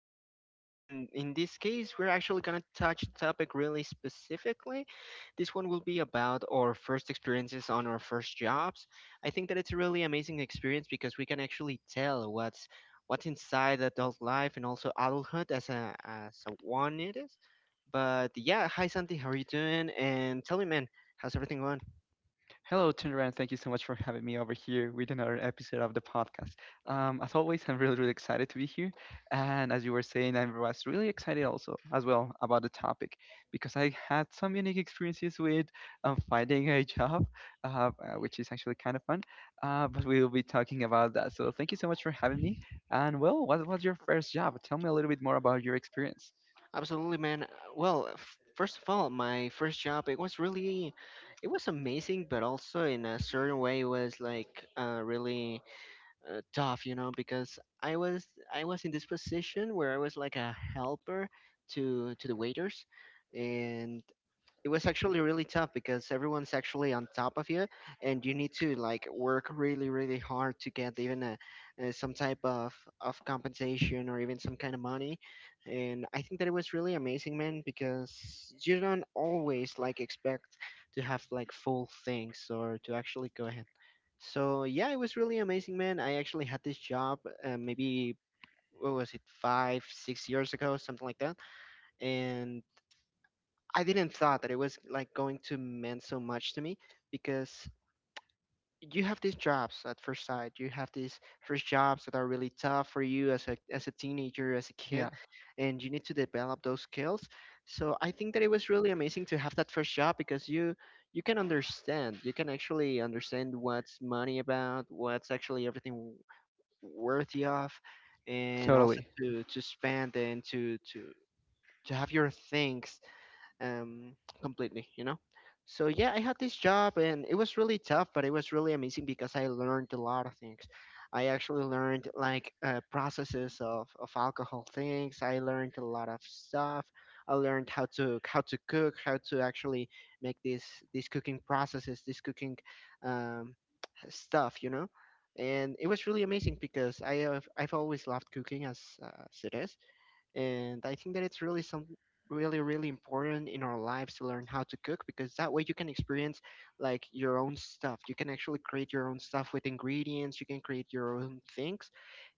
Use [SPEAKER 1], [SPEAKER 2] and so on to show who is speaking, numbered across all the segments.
[SPEAKER 1] once again, and in this case, we're actually going to touch a topic really specifically. This one will be about our first experiences on our first jobs. I think that it's a really amazing experience because we can actually tell what's inside adult life and also adulthood as a one it is. But yeah, hi Santi, how are you doing? And tell me, man, how's everything going?
[SPEAKER 2] Hello, Tunderan. Thank you so much for having me over here with another episode of the podcast. As always, I'm really, really excited to be here. And as you were saying, I was really excited also as well about the topic because I had some unique experiences with finding a job, which is actually kind of fun. But we will be talking about that. So thank you so much for having me. And well, what was your first job? Tell me a little bit more about your experience.
[SPEAKER 1] Absolutely, man. Well, first of all, my first job, it was amazing, but also in a certain way, it was like really tough, you know, because I was in this position where I was like a helper to the waiters, and it was actually really tough because everyone's actually on top of you and you need to like work really really hard to get even some type of compensation or even some kind of money. And I think that it was really amazing, man, because you don't always like expect to have like full things or to actually go ahead. So yeah, it was really amazing, man. I actually had this job maybe, what was it, 5 6 years ago, something like that. And I didn't thought that it was like going to mean so much to me, because you have these jobs at first sight. You have these first jobs that are really tough for you as a teenager, as a kid,
[SPEAKER 2] Yeah,
[SPEAKER 1] and you need to develop those skills. So I think that it was really amazing to have that first job because you can understand. You can actually understand what's money about, what's actually everything worthy of, and also
[SPEAKER 2] totally,
[SPEAKER 1] to spend and to have your things, um, completely, you know. So yeah, I had this job and it was really tough, but it was really amazing because I learned a lot of things. I actually learned like processes of alcohol things. I learned a lot of stuff. I learned how to cook, how to actually make these cooking processes, this cooking um, stuff, you know. And it was really amazing because I've always loved cooking as it is. And I think that it's really really important in our lives to learn how to cook, because that way you can experience like your own stuff. You can actually create your own stuff with ingredients, you can create your own things.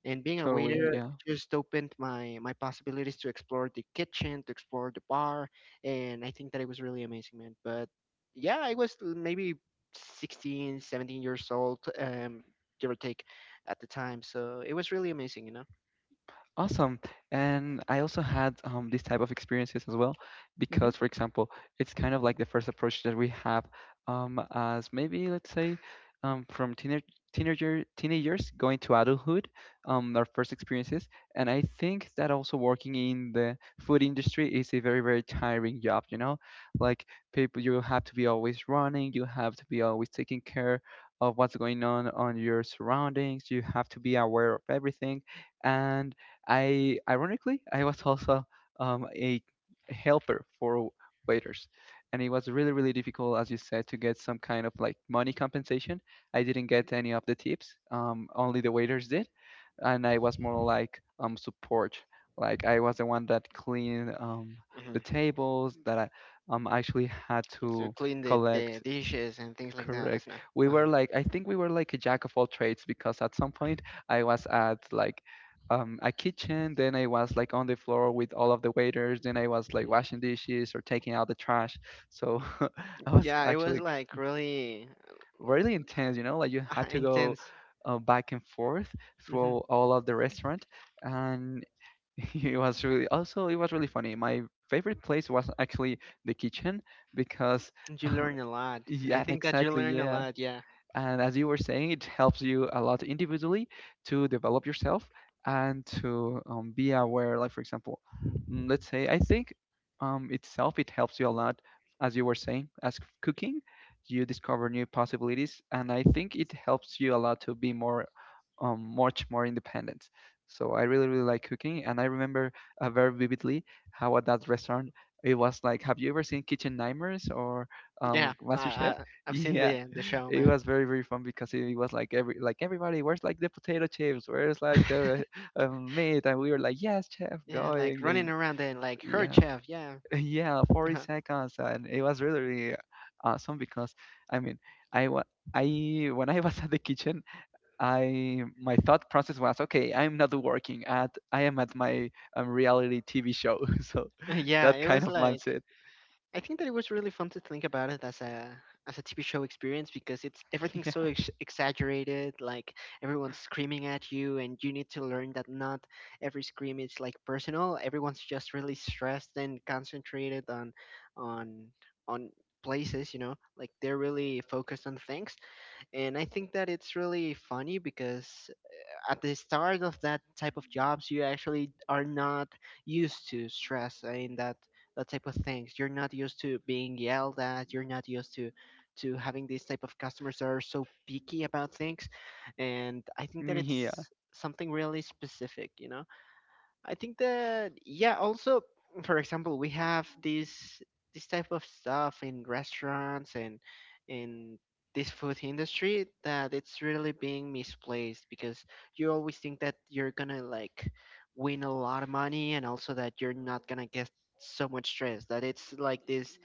[SPEAKER 1] And being a
[SPEAKER 2] totally.
[SPEAKER 1] waiter
[SPEAKER 2] Yeah.
[SPEAKER 1] just opened my possibilities to explore the kitchen, to explore the bar. And I think that it was really amazing, man. But yeah, I was maybe 16, 17 years old, give or take, at the time. So it was really amazing, you know.
[SPEAKER 2] Awesome. And I also had these type of experiences as well, because for example, it's kind of like the first approach that we have as maybe let's say from teenagers going to adulthood, our first experiences. And I think that also working in the food industry is a very, very tiring job, you know? Like people, you have to be always running, you have to be always taking care of what's going on your surroundings, you have to be aware of everything. And I ironically I was also a helper for waiters, and it was really really difficult, as you said, to get some kind of like money compensation. I didn't get any of the tips. Only the waiters did, and I was more like support. Like I was the one that cleaned
[SPEAKER 1] Hmm
[SPEAKER 2] the tables that I actually had
[SPEAKER 1] It's to
[SPEAKER 2] to
[SPEAKER 1] clean the
[SPEAKER 2] collect.
[SPEAKER 1] dishes and things like that,
[SPEAKER 2] Correct.
[SPEAKER 1] isn't it?
[SPEAKER 2] We were
[SPEAKER 1] Uh-huh.
[SPEAKER 2] like, I think we were like a jack of all trades because at some point I was at like a kitchen, then I was like on the floor with all of the waiters, then I was like washing dishes or taking out the trash. So I was
[SPEAKER 1] Yeah, it was
[SPEAKER 2] actually
[SPEAKER 1] like really
[SPEAKER 2] really intense, you know, like you had to go
[SPEAKER 1] intense.
[SPEAKER 2] back and forth through
[SPEAKER 1] Hmm
[SPEAKER 2] all of the restaurant. And it was really, also, it was really funny. My favorite place was actually the kitchen because,
[SPEAKER 1] You learn a lot. I
[SPEAKER 2] yeah,
[SPEAKER 1] think that you
[SPEAKER 2] exactly,
[SPEAKER 1] learn a
[SPEAKER 2] yeah.
[SPEAKER 1] lot. Yeah,
[SPEAKER 2] And as you were saying, it helps you a lot individually to develop yourself and to be aware. Like, for example, let's say I think itself it helps you a lot, as you were saying, as cooking, you discover new possibilities, and I think it helps you a lot to be more, much more independent. So I really really like cooking, and I remember very vividly how at that restaurant it was like. Have you ever seen Kitchen Nightmares or
[SPEAKER 1] yeah.
[SPEAKER 2] MasterChef?
[SPEAKER 1] I've seen
[SPEAKER 2] Yeah,
[SPEAKER 1] the show,
[SPEAKER 2] it
[SPEAKER 1] man.
[SPEAKER 2] was very very fun because it was like every like everybody where's like the potato chips where's like the meat and we were like yes chef
[SPEAKER 1] Yeah, like
[SPEAKER 2] going
[SPEAKER 1] running
[SPEAKER 2] and
[SPEAKER 1] around and like her
[SPEAKER 2] yeah.
[SPEAKER 1] chef. Yeah,
[SPEAKER 2] Yeah 40
[SPEAKER 1] uh-huh.
[SPEAKER 2] seconds and it was really, really awesome because I mean, I wa I when I was at the kitchen I my thought process was okay, I'm not working at I am at my reality TV show. So
[SPEAKER 1] Yeah.
[SPEAKER 2] that
[SPEAKER 1] It
[SPEAKER 2] kind
[SPEAKER 1] was
[SPEAKER 2] of
[SPEAKER 1] like,
[SPEAKER 2] mindset.
[SPEAKER 1] I think that it was really fun to think about it as a TV show experience, because it's everything's
[SPEAKER 2] Yeah,
[SPEAKER 1] so exaggerated, like everyone's screaming at you, and you need to learn that not every scream is like personal. Everyone's just really stressed and concentrated on on places, you know, like they're really focused on things. And I think that it's really funny because at the start of that type of jobs, you actually are not used to stress and that type of things. You're not used to being yelled at, you're not used to having these type of customers that are so picky about things. And I think that
[SPEAKER 2] yeah,
[SPEAKER 1] it's something really specific, you know. I think that, yeah. Also, for example, we have this type of stuff in restaurants and in this food industry, that it's really being misplaced, because you always think that you're gonna like win a lot of money, and also that you're not gonna get so much stress, that it's like this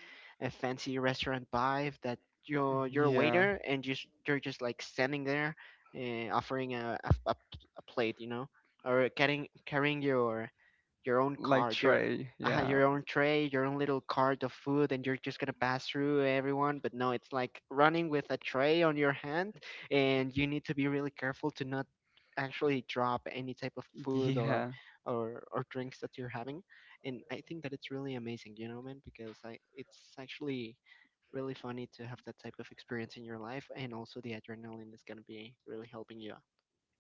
[SPEAKER 1] a fancy restaurant vibe, that you're a
[SPEAKER 2] yeah,
[SPEAKER 1] waiter and just you're just like standing there, offering a plate, you know, or carrying your your own
[SPEAKER 2] like
[SPEAKER 1] cart, your
[SPEAKER 2] Trey, yeah,
[SPEAKER 1] your own tray, your own little cart of food, and you're just gonna pass through everyone. But no, it's like running with a tray on your hand, and you need to be really careful to not actually drop any type of food or
[SPEAKER 2] yeah,
[SPEAKER 1] or or drinks that you're having. And I think that it's really amazing, you know, man, because I it's actually really funny to have that type of experience in your life, and also the adrenaline is gonna be really helping you out.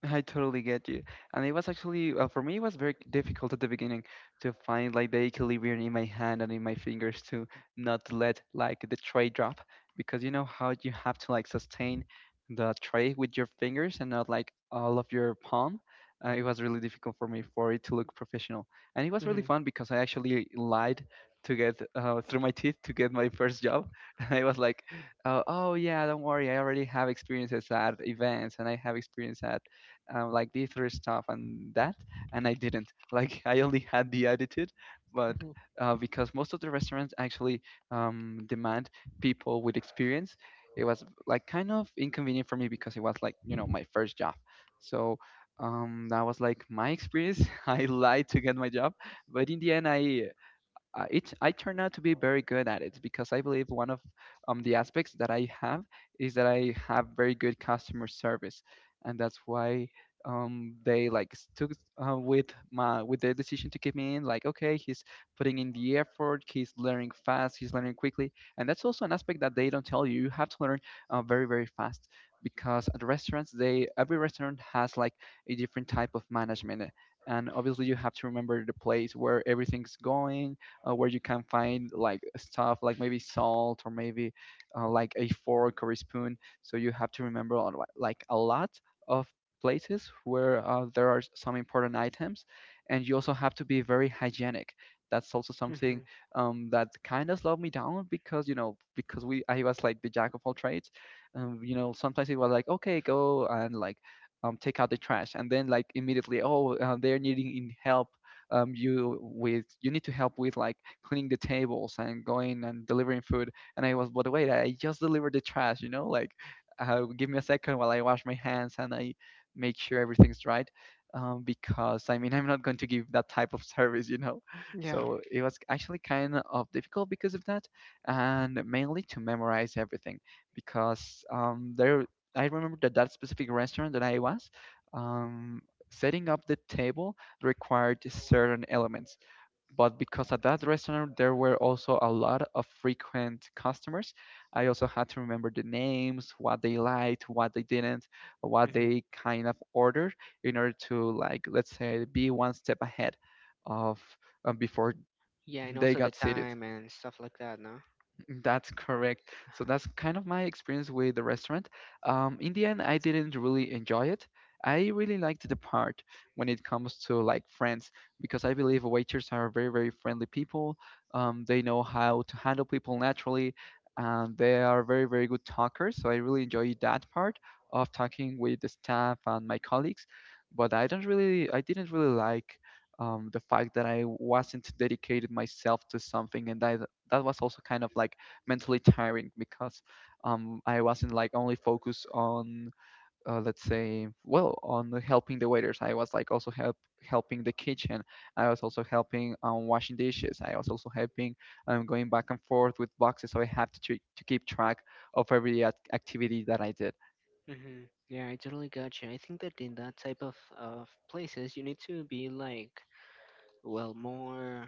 [SPEAKER 2] I totally get you. And it was actually, for me, it was very difficult at the beginning to find like the equilibrium in my hand and in my fingers to not let like the tray drop because you know how you have to like sustain the tray with your fingers and not like all of your palm. It was really difficult for me for it to look professional. And it was really
[SPEAKER 1] Hmm
[SPEAKER 2] fun because I actually lied to get through my teeth to get my first job. I was like, oh yeah, don't worry, I already have experiences at events and I have experience at like the thrift stuff and that, and I didn't. Like I only had the attitude, but
[SPEAKER 1] hmm
[SPEAKER 2] because most of the restaurants actually demand people with experience, it was like kind of inconvenient for me because it was like you know my first job, so. That was like my experience. I lied to get my job, but in the end, I turned out to be very good at it because I believe one of the aspects that I have is that I have very good customer service, and that's why they like stuck with their decision to keep me in. Like, okay, he's putting in the effort, he's learning fast, he's learning quickly, and that's also an aspect that they don't tell you. You have to learn very very fast because at restaurants they every restaurant has like a different type of management and obviously you have to remember the place where everything's going, where you can find like stuff like maybe salt or maybe like a fork or a spoon. So you have to remember on like a lot of places where there are some important items, and you also have to be very hygienic. That's also
[SPEAKER 1] hmm
[SPEAKER 2] something that kind of slowed me down because you know because we I was like the jack of all trades. You know sometimes it was like okay go and like take out the trash and then like immediately oh they're needing in help, you with you need to help with like cleaning the tables and going and delivering food. And I was, but wait, I just delivered the trash, you know, like give me a second while I wash my hands and I make sure everything's right. Because I mean, I'm not going to give that type of service, you know.
[SPEAKER 1] Yeah.
[SPEAKER 2] So it was actually kind of difficult because of that, and mainly to memorize everything because there I remember that that specific restaurant that I was um, setting up the table required certain elements. But because at that restaurant there were also a lot of frequent customers, I also had to remember the names, what they liked, what they didn't, what
[SPEAKER 1] hmm
[SPEAKER 2] they kind of ordered in order to like let's say be one step ahead of before
[SPEAKER 1] Yeah, and
[SPEAKER 2] they
[SPEAKER 1] also
[SPEAKER 2] got
[SPEAKER 1] the
[SPEAKER 2] seated.
[SPEAKER 1] time and stuff like that, no?
[SPEAKER 2] That's correct. So
[SPEAKER 1] Uh-huh.
[SPEAKER 2] that's kind of my experience with the restaurant. In the end, I didn't really enjoy it. I really liked the part when it comes to like friends because I believe waiters are very, very friendly people. They know how to handle people naturally, and they are very, very good talkers. So I really enjoyed that part of talking with the staff and my colleagues. But I didn't really like the fact that I wasn't dedicated myself to something, that was also kind of like mentally tiring because I wasn't like only focused on, let's say well on helping the waiters. I was like also helping the kitchen. I was also helping washing dishes. I was also helping going back and forth with boxes. So I had to to keep track of every activity that I did.
[SPEAKER 1] hmm Yeah, I totally got you. I think that in that type of places, you need to be like, well, more.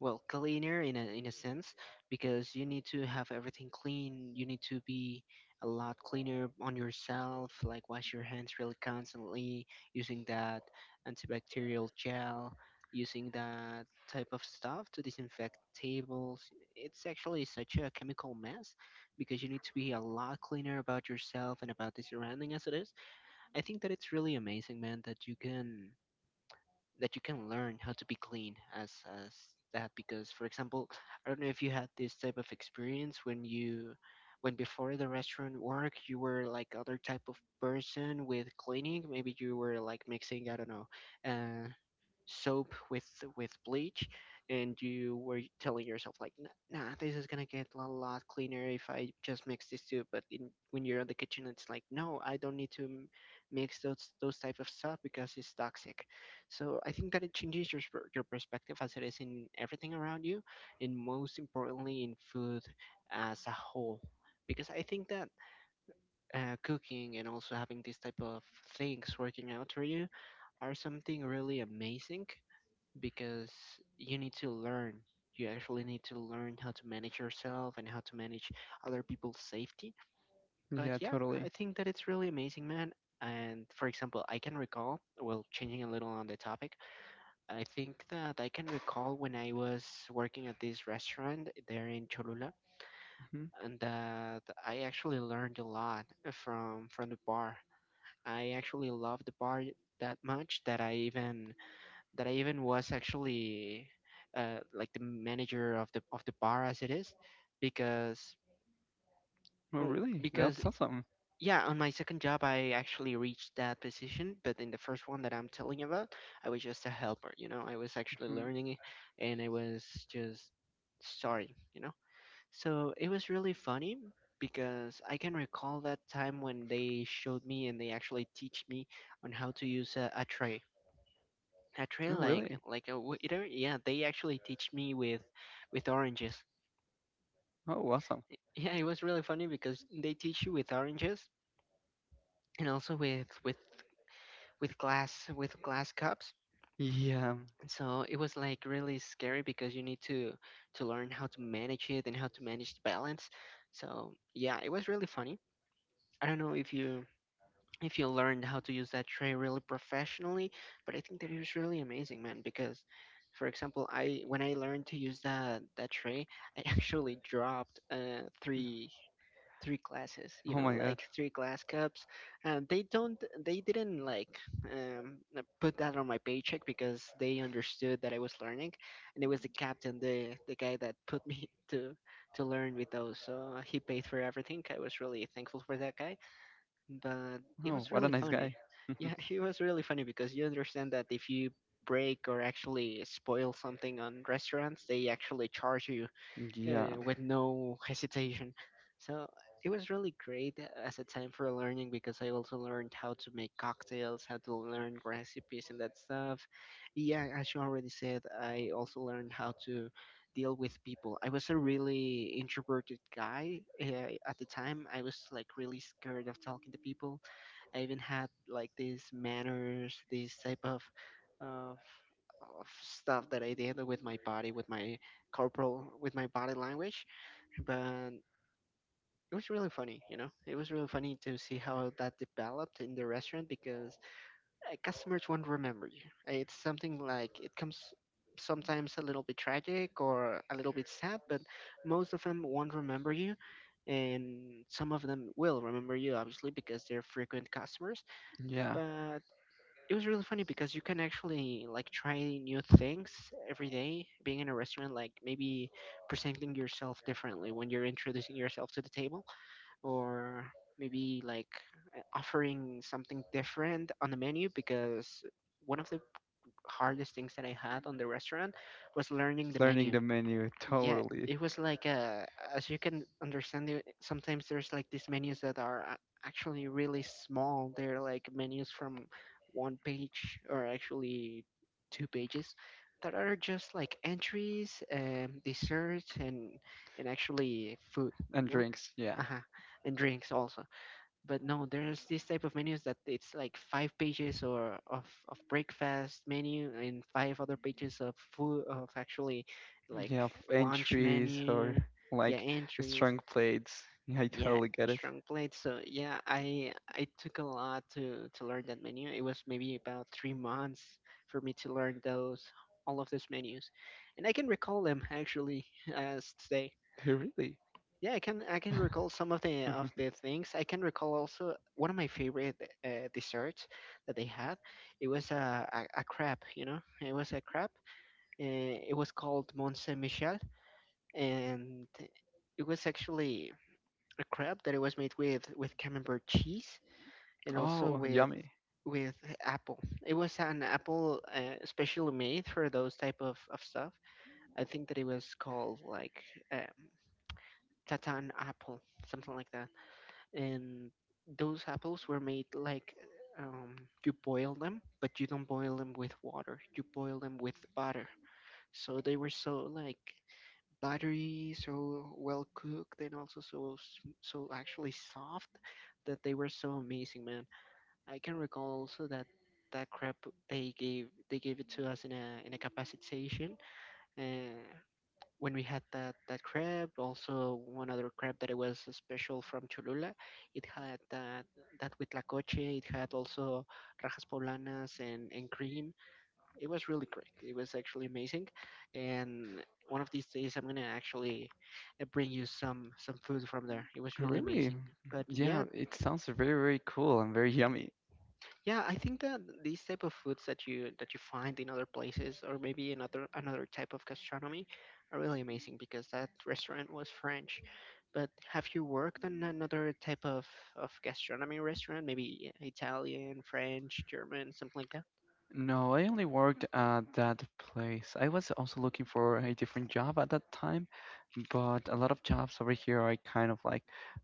[SPEAKER 1] Well cleaner in a sense, because you need to have everything clean. You need to be a lot cleaner on yourself, like wash your hands really constantly, using that antibacterial gel, using that type of stuff to disinfect tables. It's actually such a chemical mess, because you need to be a lot cleaner about yourself and about the surrounding as it is. I think that it's really amazing, man, that you can learn how to be clean as that. Because for example, I don't know if you had this type of experience when you, when before the restaurant work, you were like other type of person with cleaning. Maybe you were like mixing, I don't know, uh soap with bleach, and you were telling yourself like, "Nah, nah, this is gonna get a lot cleaner if I just mix these two." But in, when you're in the kitchen, it's like, no, I don't need to mix those type of stuff because it's toxic. So I think that it changes your your perspective as it is, in everything around you, and most importantly in food as a whole. Because I think that, cooking and also having these type of things working out for you are something really amazing, because you need to learn. You actually need to learn how to manage yourself and how to manage other people's safety. But
[SPEAKER 2] Yeah,
[SPEAKER 1] yeah,
[SPEAKER 2] totally.
[SPEAKER 1] I think that it's really amazing, man. And for example, I can recall, well, changing a little on the topic, I think that I can recall when I was working at this restaurant there in Cholula,
[SPEAKER 2] Hmm.
[SPEAKER 1] and that I actually learned a lot from the bar. I actually love the bar that much that I even was actually like the manager of the bar as it is, because
[SPEAKER 2] Oh,
[SPEAKER 1] mm,
[SPEAKER 2] really?
[SPEAKER 1] because
[SPEAKER 2] That's awesome.
[SPEAKER 1] yeah, on my second job I actually reached that position. But in the first one that I'm telling you about, I was just a helper. You know, I was actually
[SPEAKER 2] Hmm.
[SPEAKER 1] learning it, and I was just starting. You know, so it was really funny. Because I can recall that time when they showed me and they actually teach me on how to use a tray. I
[SPEAKER 2] Oh,
[SPEAKER 1] train
[SPEAKER 2] really?
[SPEAKER 1] like a waiter. Yeah, they actually teach me with oranges.
[SPEAKER 2] Oh, awesome.
[SPEAKER 1] Yeah, it was really funny because they teach you with oranges, and also with with glass, with glass cups.
[SPEAKER 2] Yeah.
[SPEAKER 1] So it was like really scary, because you need to learn how to manage it and how to manage the balance. So yeah, it was really funny. I don't know if you, if you learned how to use that tray really professionally. But I think that it was really amazing, man, because for example, I when I learned to use that tray, I actually dropped three glasses, you
[SPEAKER 2] Oh
[SPEAKER 1] know,
[SPEAKER 2] my God.
[SPEAKER 1] like three glass cups. And they don't they didn't like put that on my paycheck, because they understood that I was learning. And it was the captain, the guy that put me to learn with those. So he paid for everything. I was really thankful for that guy, but it
[SPEAKER 2] Oh,
[SPEAKER 1] was
[SPEAKER 2] what a
[SPEAKER 1] really
[SPEAKER 2] nice
[SPEAKER 1] funny.
[SPEAKER 2] guy.
[SPEAKER 1] Yeah, it was really funny because you understand that if you break or actually spoil something on restaurants, they actually charge you
[SPEAKER 2] Yeah.
[SPEAKER 1] with no hesitation. So it was really great as a time for learning, because I also learned how to make cocktails, how to learn recipes and that stuff. Yeah, as you already said, I also learned how to deal with people. I was a really introverted guy at the time. I was like really scared of talking to people. I even had like these manners, these type uh, of stuff that I did with my body, with my corporal, with my body language. But it was really funny, you know. It was really funny to see how that developed in the restaurant because customers won't remember you. It's something like it comes sometimes a little bit tragic or a little bit sad, but most of them won't remember you. And some of them will remember you, obviously, because they're frequent customers.
[SPEAKER 2] Yeah.
[SPEAKER 1] But it was really funny because you can actually like try new things every day being in a restaurant, like maybe presenting yourself differently when you're introducing yourself to the table, or maybe like offering something different on the menu, because one of the hardest things that I had on the restaurant was learning the
[SPEAKER 2] Learning
[SPEAKER 1] menu.
[SPEAKER 2] the menu
[SPEAKER 1] Yeah,
[SPEAKER 2] totally.
[SPEAKER 1] it was like as you can understand, there sometimes there's like these menus that are actually really small. They're like menus from one page, or actually two pages, that are just like entries, desserts, and actually food.
[SPEAKER 2] And
[SPEAKER 1] No.
[SPEAKER 2] drinks, yeah.
[SPEAKER 1] Uh-huh. And drinks also. But no, there's this type of menus that it's like five pages or of breakfast menu and five other pages of food, of actually
[SPEAKER 2] Yeah,
[SPEAKER 1] like lunch
[SPEAKER 2] entries or
[SPEAKER 1] menu. Yeah,
[SPEAKER 2] like
[SPEAKER 1] entries.
[SPEAKER 2] strong plates. Yeah, I
[SPEAKER 1] Yeah,
[SPEAKER 2] totally get it.
[SPEAKER 1] strong plates. So yeah, I took a lot to learn that menu. It was maybe about 3 months for me to learn those, all of those menus, and I can recall them actually as today.
[SPEAKER 2] Really?
[SPEAKER 1] Yeah, I can recall some of the things. I can recall also one of my favorite desserts that they had. It was a crab, you know. It was a crab. It was called Mont Saint Michel, and it was actually a crab that it was made with camembert cheese, and also
[SPEAKER 2] Oh,
[SPEAKER 1] with
[SPEAKER 2] yummy.
[SPEAKER 1] with apple. It was an apple specially made for those type of stuff. I think that it was called like um, tatin apple, something like that. And those apples were made like, um, you boil them, but you don't boil them with water. You boil them with butter. So they were so like buttery, so well cooked, and also so so actually soft that they were so amazing, man. I can recall also that that crab they gave it to us in a capacity station. Uh, when we had that crab, also one other crab that it was special from Cholula, it had that huitlacoche. It had also rajas poblanas and cream. It was really great. It was actually amazing. And one of these days I'm gonna actually bring you some food from there. It was really
[SPEAKER 2] Really?
[SPEAKER 1] amazing, but yeah.
[SPEAKER 2] Yeah, it sounds very, very cool and very yummy.
[SPEAKER 1] Yeah, I think that these type of foods that you find in other places, or maybe another type of gastronomy, are really amazing, because that restaurant was French. But have you worked in another type of gastronomy restaurant, maybe Italian, French, German, something like that?
[SPEAKER 2] No, I only worked at that place. I was also looking for a different job at that time, but a lot of jobs over here are kind of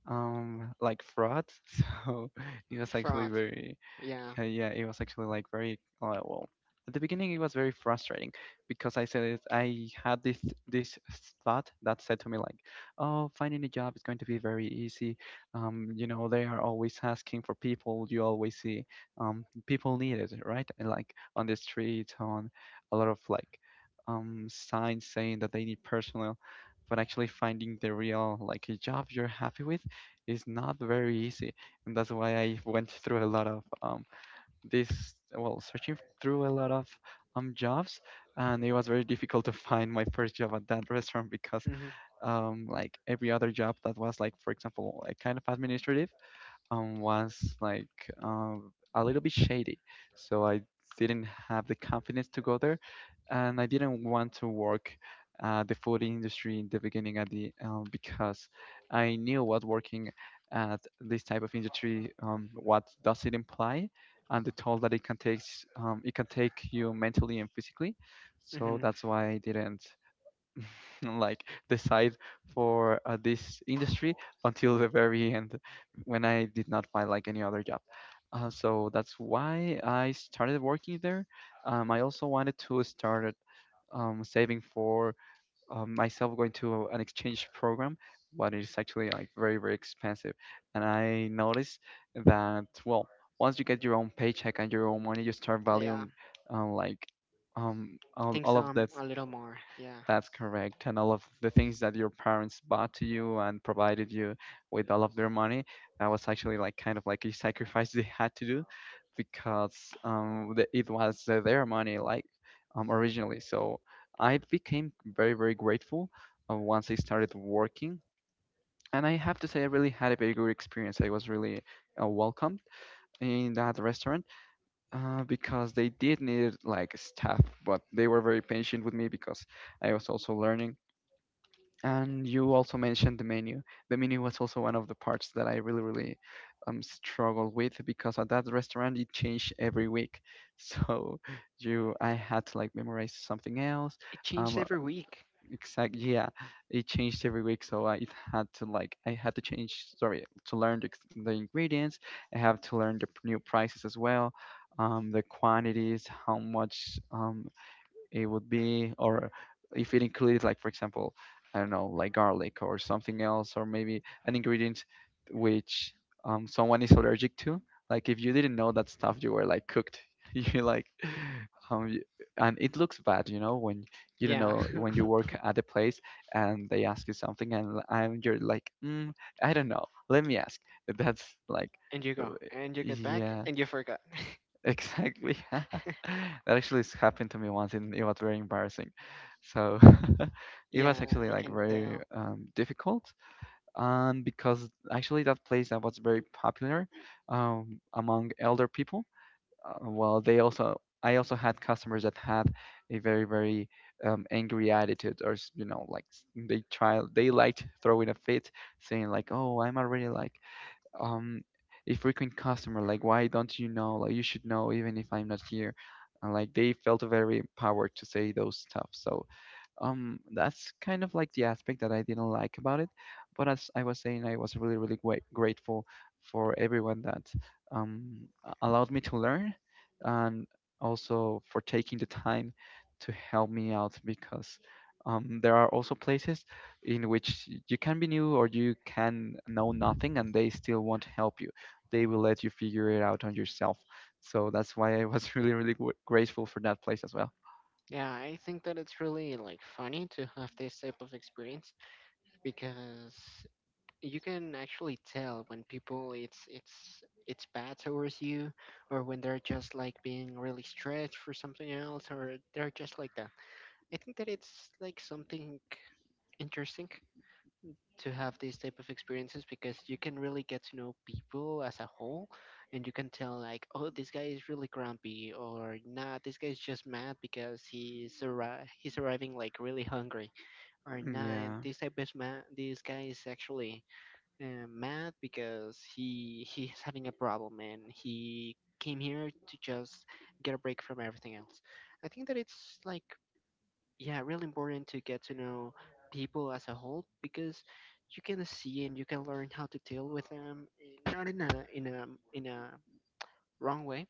[SPEAKER 2] like fraud. So it was actually
[SPEAKER 1] Fraud.
[SPEAKER 2] very
[SPEAKER 1] Yeah.
[SPEAKER 2] Yeah, it was actually like very well. At the beginning, it was very frustrating because I said it, I had this thought that said to me like, "Oh, finding a job is going to be very easy. You know, they are always asking for people. You always see people needed, right? And like on the street, on a lot of like signs saying that they need personnel. But actually finding the real like a job you're happy with is not very easy, and that's why I went through a lot of this well searching through a lot of jobs, and it was very difficult to find my first job at that restaurant because
[SPEAKER 1] Mhm.
[SPEAKER 2] like every other job that was like for example like kind of administrative, was like a little bit shady. So I didn't have the confidence to go there, and I didn't want to work the food industry in the beginning at the because I knew what working at this type of industry, what does it imply, and the toll that it can take you mentally and physically. So
[SPEAKER 1] Mhm.
[SPEAKER 2] that's why I didn't like decide for this industry until the very end when I did not find like any other job. So that's why I started working there. I also wanted to start saving for myself going to an exchange program, but it's actually like very, very expensive. And I noticed that, well, once you get your own paycheck and your own money, you start
[SPEAKER 1] Yeah.
[SPEAKER 2] valuing uh, like all,
[SPEAKER 1] Things
[SPEAKER 2] all of that
[SPEAKER 1] a little more. Yeah.
[SPEAKER 2] that's correct. And all of the things that your parents bought to you and provided you with all of their money, that was actually like kind of like a sacrifice they had to do because it was their money, like originally. So I became very, very grateful once I started working. And I have to say, I really had a very good experience. I was really welcomed in that restaurant because they did need like staff, but they were very patient with me because I was also learning and you also mentioned the menu. The menu was also one of the parts that I really, really struggled with because at that restaurant it changed every week. So I had to like memorize something else.
[SPEAKER 1] It changed
[SPEAKER 2] Um, uh,
[SPEAKER 1] every week.
[SPEAKER 2] yeah, it changed every week. I had to change. Sorry, to learn the ingredients. I have to learn the new prices as well. The quantities, how much it would be or if it included like for example I don't know like garlic or something else or maybe an ingredient which someone is allergic to. Like if you didn't know that stuff you were like cooked, you like and it looks bad you know when you don't
[SPEAKER 1] Yeah.
[SPEAKER 2] know when you work at a place and they ask you something and and you're like I don't know, let me ask. That's like
[SPEAKER 1] And you
[SPEAKER 2] uh,
[SPEAKER 1] go and you get back
[SPEAKER 2] yeah.
[SPEAKER 1] and you forgot.
[SPEAKER 2] Exactly. That actually has happened to me once and it was very embarrassing. So it was
[SPEAKER 1] Yeah,
[SPEAKER 2] actually
[SPEAKER 1] I
[SPEAKER 2] like
[SPEAKER 1] can
[SPEAKER 2] very
[SPEAKER 1] tell.
[SPEAKER 2] difficult. And because actually that place that was very popular among elder people, well, they also I also had customers that had a very, very angry attitude, or you know like they try, they liked throwing a fit saying like, oh I'm already like um a frequent customer, like why don't you know, like you should know even if I'm not here. And like they felt very empowered to say those stuff, so that's kind of like the aspect that I didn't like about it. But as I was saying, I was really, really grateful for everyone that allowed me to learn and also for taking the time to help me out because there are also places in which you can be new or you can know nothing and they still won't help you. They will let you figure it out on yourself. So that's why I was really, really grateful for that place as well.
[SPEAKER 1] Yeah, I think that it's really like funny to have this type of experience, because you can actually tell when people it's bad towards you, or when they're just like being really stretched for something else, or they're just like that. I think that it's like something interesting to have these type of experiences, because you can really get to know people as a whole, and you can tell like, oh, this guy is really grumpy, or nah, this guy's just mad because he's he's arriving like really hungry, or nah,
[SPEAKER 2] Yeah,
[SPEAKER 1] this type is mad, this guy is actually mad because he's having a problem and he came here to just get a break from everything else. I think that it's like, yeah, really important to get to know people as a whole, because you can see and you can learn how to deal with them, not in a in a wrong way,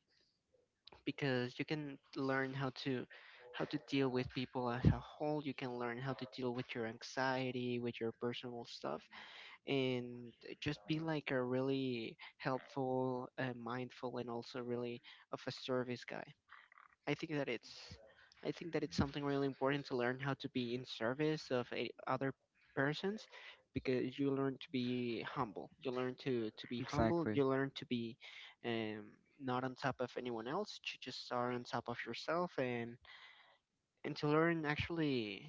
[SPEAKER 1] because you can learn how to deal with people as a whole. You can learn how to deal with your anxiety, with your personal stuff, and just be like a really helpful, mindful, and also really of a service guy. I think that it's, I think that it's something really important to learn how to be in service of other persons, because you learn to be humble. You learn to be humble.
[SPEAKER 2] exactly.
[SPEAKER 1] You learn to be um, not on top of anyone else. You just are on top of yourself, and to learn actually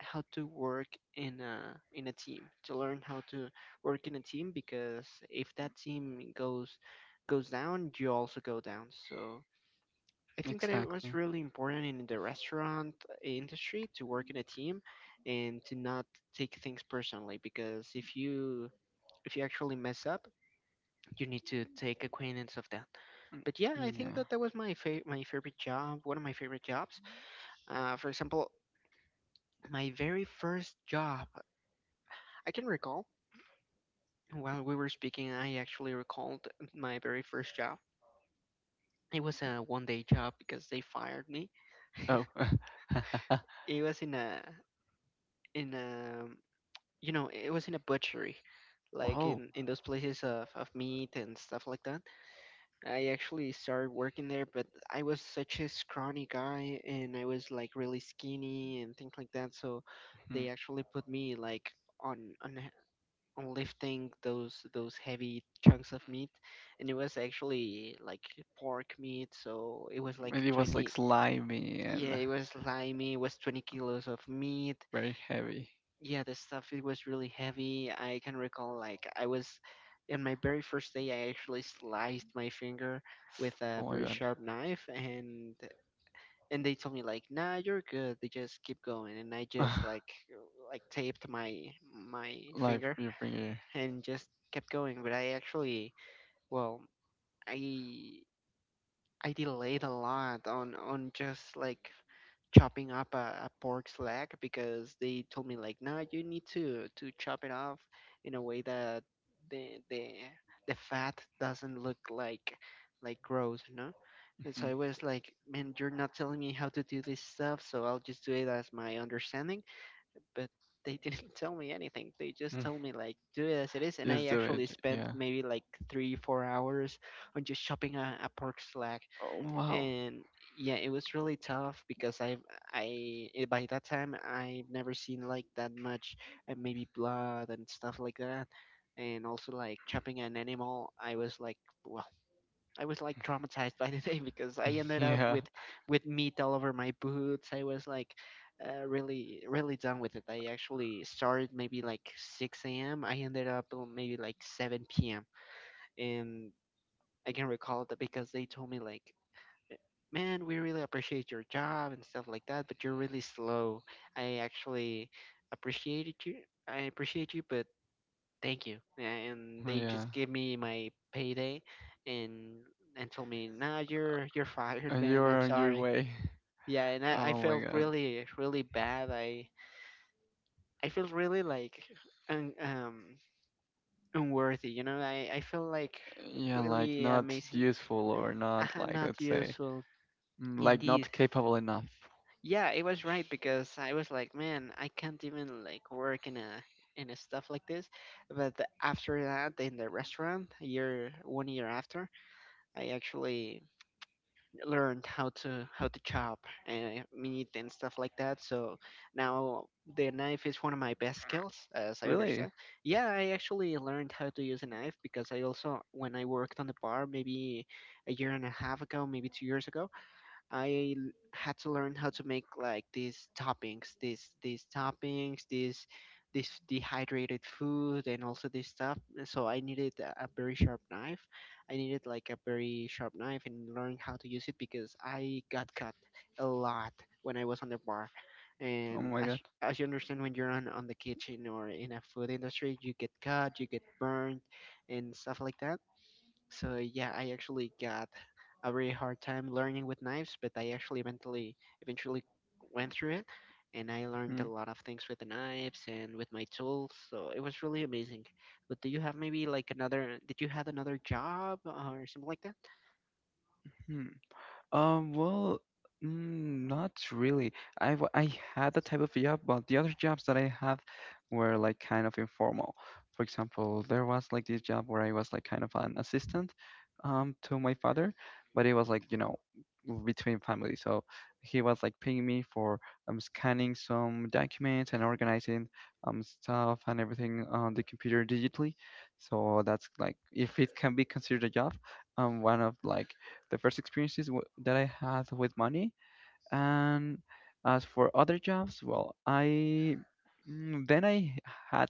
[SPEAKER 1] how to work in a team. To learn how to work in a team, because if that team goes down, you also go down. So I think that it was
[SPEAKER 2] Exactly.
[SPEAKER 1] really important in the restaurant industry to work in a team, and to not take things personally, because if you actually mess up, you need to take acquaintance of that.
[SPEAKER 2] Mm,
[SPEAKER 1] But yeah, I
[SPEAKER 2] mm,
[SPEAKER 1] think
[SPEAKER 2] yeah.
[SPEAKER 1] that that was my my favorite job, one of my favorite jobs. For example, my very first job, I can recall. While we were speaking, I actually recalled my very first job. It was a 1-day job because they fired me.
[SPEAKER 2] Oh.
[SPEAKER 1] It was in a in a you know, it was in a butchery, like
[SPEAKER 2] Wow.
[SPEAKER 1] in those places of meat and stuff like that. I actually started working there, but I was such a scrawny guy, and I was like really skinny and things like that. So they
[SPEAKER 2] Hmm.
[SPEAKER 1] actually put me like on on h- on lifting those heavy chunks of meat, and it was actually like pork meat, so it was like
[SPEAKER 2] And it was like
[SPEAKER 1] 20.
[SPEAKER 2] slimy
[SPEAKER 1] Yeah,
[SPEAKER 2] and
[SPEAKER 1] it was slimy. It was 20 kilos of meat.
[SPEAKER 2] very heavy.
[SPEAKER 1] Yeah, the stuff, it was really heavy. I can recall, like, I was in my very first day, I actually sliced my finger with a
[SPEAKER 2] Oh my
[SPEAKER 1] very
[SPEAKER 2] god.
[SPEAKER 1] sharp knife, and they told me like, nah, you're good, they just keep going, and I just like taped my
[SPEAKER 2] Life,
[SPEAKER 1] finger
[SPEAKER 2] your finger.
[SPEAKER 1] and just kept going. But I actually, well, i I delayed a lot on just like chopping up a pork's leg, because they told me like, no, you need to chop it off in a way that the fat doesn't look like gross, you know. And so
[SPEAKER 2] Mhm.
[SPEAKER 1] I was like, man, you're not telling me how to do this stuff, so I'll just do it as my understanding. But they didn't tell me anything. They just
[SPEAKER 2] Mm.
[SPEAKER 1] told me like, do it as it is. And I
[SPEAKER 2] Just do
[SPEAKER 1] actually
[SPEAKER 2] it.
[SPEAKER 1] spent
[SPEAKER 2] Yeah.
[SPEAKER 1] maybe like 3 4 hours on just chopping a pork leg.
[SPEAKER 2] Oh wow.
[SPEAKER 1] And yeah, it was really tough, because I've I by that time I've never seen like that much maybe blood and stuff like that, and also like chopping an animal. I was like, well, I was like traumatized by the day, because I ended up
[SPEAKER 2] Yeah.
[SPEAKER 1] with meat all over my boots. I was like, really really done with it. I actually started maybe like 6 a.m. I ended up maybe like 7 p.m. And I can recall that because they told me like, man, we really appreciate your job and stuff like that, but you're really slow. I actually appreciated you. I appreciate you, but thank you. And they
[SPEAKER 2] Yeah.
[SPEAKER 1] just give me my payday and told me, nah, you're fired,
[SPEAKER 2] And
[SPEAKER 1] man.
[SPEAKER 2] you're
[SPEAKER 1] I'm
[SPEAKER 2] on your
[SPEAKER 1] sorry.
[SPEAKER 2] way.
[SPEAKER 1] Yeah, and I
[SPEAKER 2] Oh my
[SPEAKER 1] felt
[SPEAKER 2] god.
[SPEAKER 1] really really bad. I felt really like un, um unworthy. You know, I felt like
[SPEAKER 2] Yeah, like
[SPEAKER 1] really
[SPEAKER 2] not
[SPEAKER 1] amazing.
[SPEAKER 2] useful, or not, like
[SPEAKER 1] Not
[SPEAKER 2] let's say
[SPEAKER 1] useful.
[SPEAKER 2] like
[SPEAKER 1] Indeed.
[SPEAKER 2] not capable enough.
[SPEAKER 1] Yeah, it was right, because I was like, man, I can't even like work in a stuff like this. But after that, in the restaurant, a year 1 year after, I actually learned how to chop and meat and stuff like that. So now the knife is one of my best skills, as I
[SPEAKER 2] Really?
[SPEAKER 1] understand. Yeah, I actually learned how to use a knife because I also, when I worked on the bar, maybe a year and a half ago, maybe 2 years ago. I had to learn how to make like these toppings, these toppings, these this dehydrated food, and also this stuff. And so I needed a very sharp knife. I needed like a very sharp knife and learn how to use it, because I got cut a lot when I was on the bar.
[SPEAKER 2] Oh
[SPEAKER 1] And
[SPEAKER 2] my
[SPEAKER 1] as
[SPEAKER 2] god.
[SPEAKER 1] as you understand, when you're on the kitchen, or in a food industry, you get cut, you get burned, and stuff like that. So yeah, I actually got a very hard time learning with knives, but I actually eventually went through it, and I learned
[SPEAKER 2] Mm-hmm.
[SPEAKER 1] a lot of things with the knives and with my tools. So it was really amazing. But do you have maybe like another? Did you have another job or something like that?
[SPEAKER 2] Hmm. Well, not really. I had the type of job, but the other jobs that I had were like kind of informal. For example, there was like this job where I was like kind of an assistant to my father, but it was like, you know, between family. So he was like paying me for scanning some documents and organizing stuff and everything on the computer digitally. So that's like, if it can be considered a job, one of like the first experiences that I had with money. And as for other jobs, well, then I had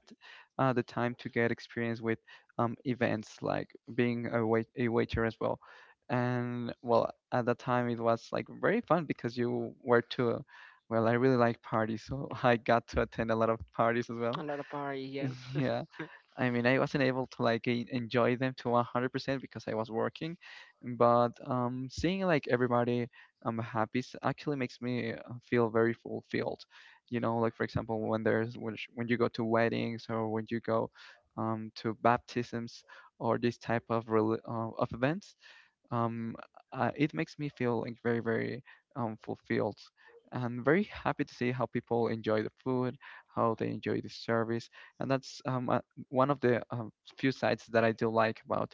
[SPEAKER 2] the time to get experience with events like being a waiter as well. And well, at that time it was like very fun because you were to, well, I really like parties, so I got to attend a lot of parties as well.
[SPEAKER 1] A lot of party, yeah.
[SPEAKER 2] Yeah. I mean, I wasn't able to like enjoy them to 100% because I was working, but seeing like everybody happy actually makes me feel very fulfilled. You know, like for example, when when you go to weddings or when you go to baptisms or this type of of events, um, it makes me feel like very, very fulfilled and very happy to see how people enjoy the food, how they enjoy the service, and that's one of the few sides that I do like about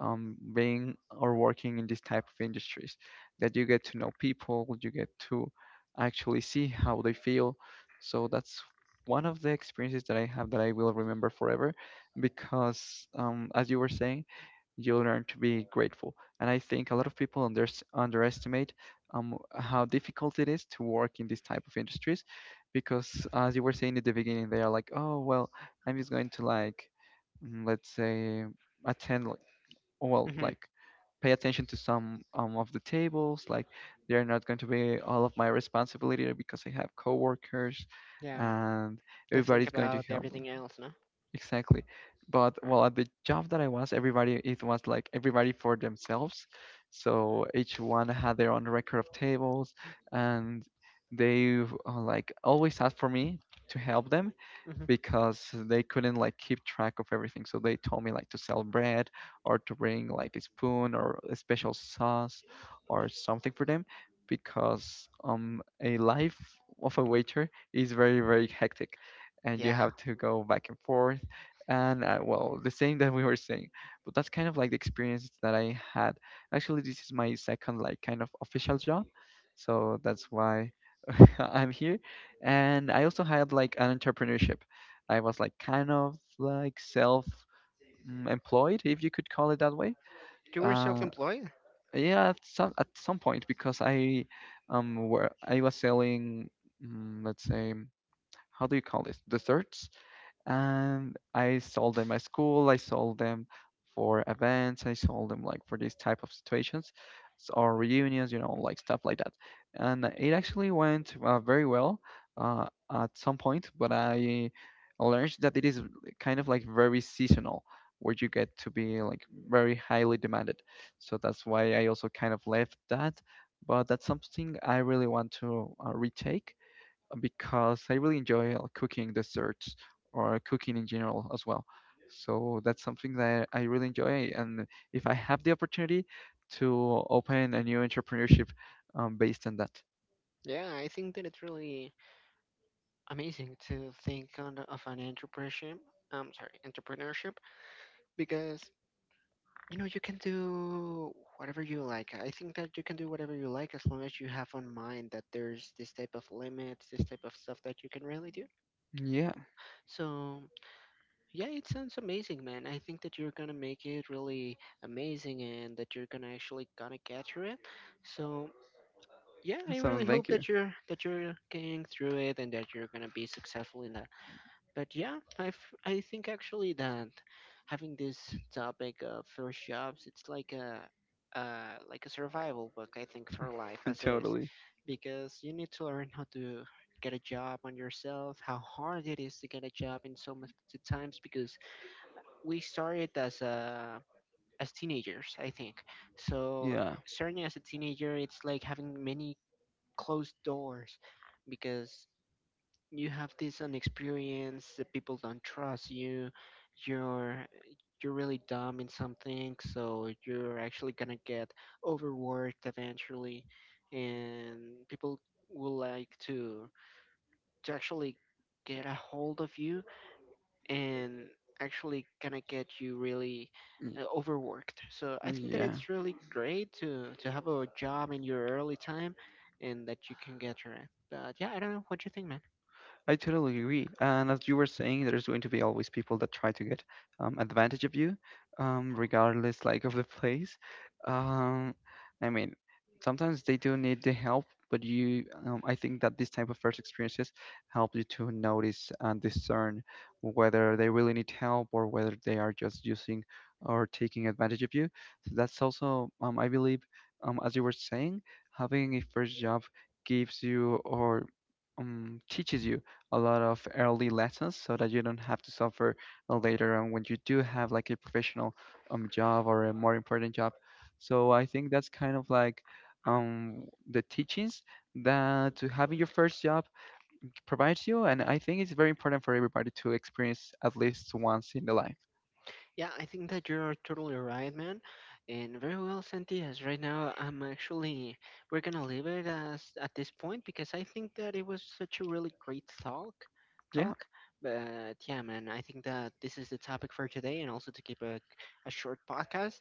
[SPEAKER 2] being or working in this type of industries, that you get to know people, you get to actually see how they feel. So that's one of the experiences that I have that I will remember forever, because as you were saying, you learn to be grateful. And I think a lot of people underestimate how difficult it is to work in these type of industries, because as you were saying at the beginning, they are like, oh well, I'm just going to like, let's say, attend,
[SPEAKER 1] Hmm.
[SPEAKER 2] like, pay attention to some of the tables. Like, they are not going to be all of my responsibility because I have coworkers,
[SPEAKER 1] Yeah,
[SPEAKER 2] and
[SPEAKER 1] to think
[SPEAKER 2] everybody's going to
[SPEAKER 1] about
[SPEAKER 2] help me.
[SPEAKER 1] everything else, no?
[SPEAKER 2] Exactly. But well, at the job that I was, everybody, it was like everybody for themselves. So each one had their own record of tables, and they like always asked for me to help them
[SPEAKER 1] Hmm.
[SPEAKER 2] because they couldn't like keep track of everything. So they told me like to sell bread or to bring like a spoon or a special sauce or something for them, because a life of a waiter is very, very hectic and you
[SPEAKER 1] Yeah,
[SPEAKER 2] have to go back and forth and well, the same that we were saying. But that's kind of like the experience that I had. Actually this is my second like kind of official job, so that's why I'm here. And I also had like an entrepreneurship. I was like kind of like self employed, if you could call it that way.
[SPEAKER 1] you were
[SPEAKER 2] Uh,
[SPEAKER 1] self-employed.
[SPEAKER 2] yeah, at some point because I was selling, let's say, how do you call this, desserts. And I sold them at school. I sold them for events. I sold them like for these type of situations or reunions, you know, like stuff like that. And it actually went very well at some point, but I learned that it is kind of like very seasonal, where you get to be like very highly demanded. So that's why I also kind of left that. But that's something I really want to retake because I really enjoy cooking desserts or cooking in general as well. So that's something that I really enjoy. And if I have the opportunity to open a new entrepreneurship based on that.
[SPEAKER 1] Yeah, I think that it's really amazing to think on of an entrepreneurship. I'm sorry, entrepreneurship, because you know you can do whatever you like. I think that you can do whatever you like, as long as you have on mind that there's this type of limits, this type of stuff that you can really do.
[SPEAKER 2] Yeah,
[SPEAKER 1] So yeah, it sounds amazing, man. I think that you're gonna make it really amazing, and that you're gonna actually gonna get through it. So yeah, I
[SPEAKER 2] so
[SPEAKER 1] really
[SPEAKER 2] thank
[SPEAKER 1] hope
[SPEAKER 2] you.
[SPEAKER 1] that you're getting through it, and that you're gonna be successful in that. But yeah, I've, I think actually that having this topic of first jobs, it's like a survival book, I think, for life as it is,
[SPEAKER 2] Totally.
[SPEAKER 1] because you need to learn how to get a job on yourself, how hard it is to get a job in so much the times, because we started as teenagers, I think. So
[SPEAKER 2] Yeah.
[SPEAKER 1] starting as a teenager, it's like having many closed doors, because you have this inexperience, the people don't trust you, you're you're really dumb in something, so you're actually gonna get overworked eventually, and people will like to actually get a hold of you, and actually gonna get you really
[SPEAKER 2] y-
[SPEAKER 1] overworked. So I think that
[SPEAKER 2] Yeah.
[SPEAKER 1] it's really great to have a job in your early time, and that you can get your, but yeah, I don't know what you think, man.
[SPEAKER 2] I totally agree. And as you were saying, there's going to be always people that try to get advantage of you, regardless like of the place. Um, I mean, sometimes they do need the help, but I think that this type of first experiences help you to notice and discern whether they really need help or whether they are just using or taking advantage of you. So that's also, I believe, as you were saying, having a first job gives you, or teaches you a lot of early lessons, so that you don't have to suffer later on when you do have like a professional job or a more important job. So I think that's kind of like um the teachings that to having your first job provides you, and I think it's very important for everybody to experience at least once in the life.
[SPEAKER 1] Yeah, I think that you're totally right, man. And very well, Santi, as right now, I'm actually, we're gonna leave it as at this point, because I think that it was such a really great talk,
[SPEAKER 2] Yeah.
[SPEAKER 1] talk. But yeah, man, I think that this is the topic for today, and also to keep a short podcast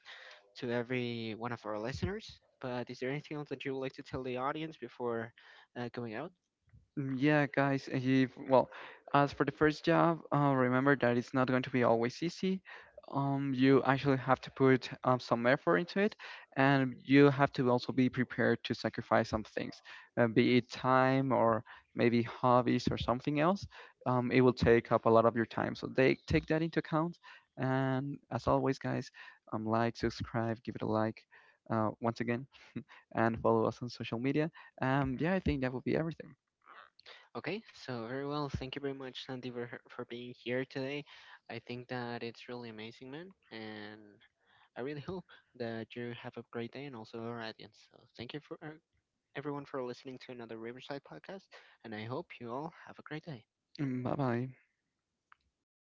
[SPEAKER 1] to every one of our listeners. But is there anything else that you would like to tell the audience before going out?
[SPEAKER 2] Yeah, guys, if, well, as for the first job, remember that it's not going to be always easy. You actually have to put some effort into it, and you have to also be prepared to sacrifice some things, be it time or maybe hobbies or something else. It will take up a lot of your time, so they take that into account. And as always, guys, like, subscribe, give it a like, once again, and follow us on social media. Yeah, I think that will be everything.
[SPEAKER 1] Okay, so very well. Thank you very much, Sandy, for for being here today. I think that it's really amazing, man, and I really hope that you have a great day, and also our audience. So thank you for everyone for listening to another Riverside podcast, and I hope you all have a great day.
[SPEAKER 2] Mm, bye bye.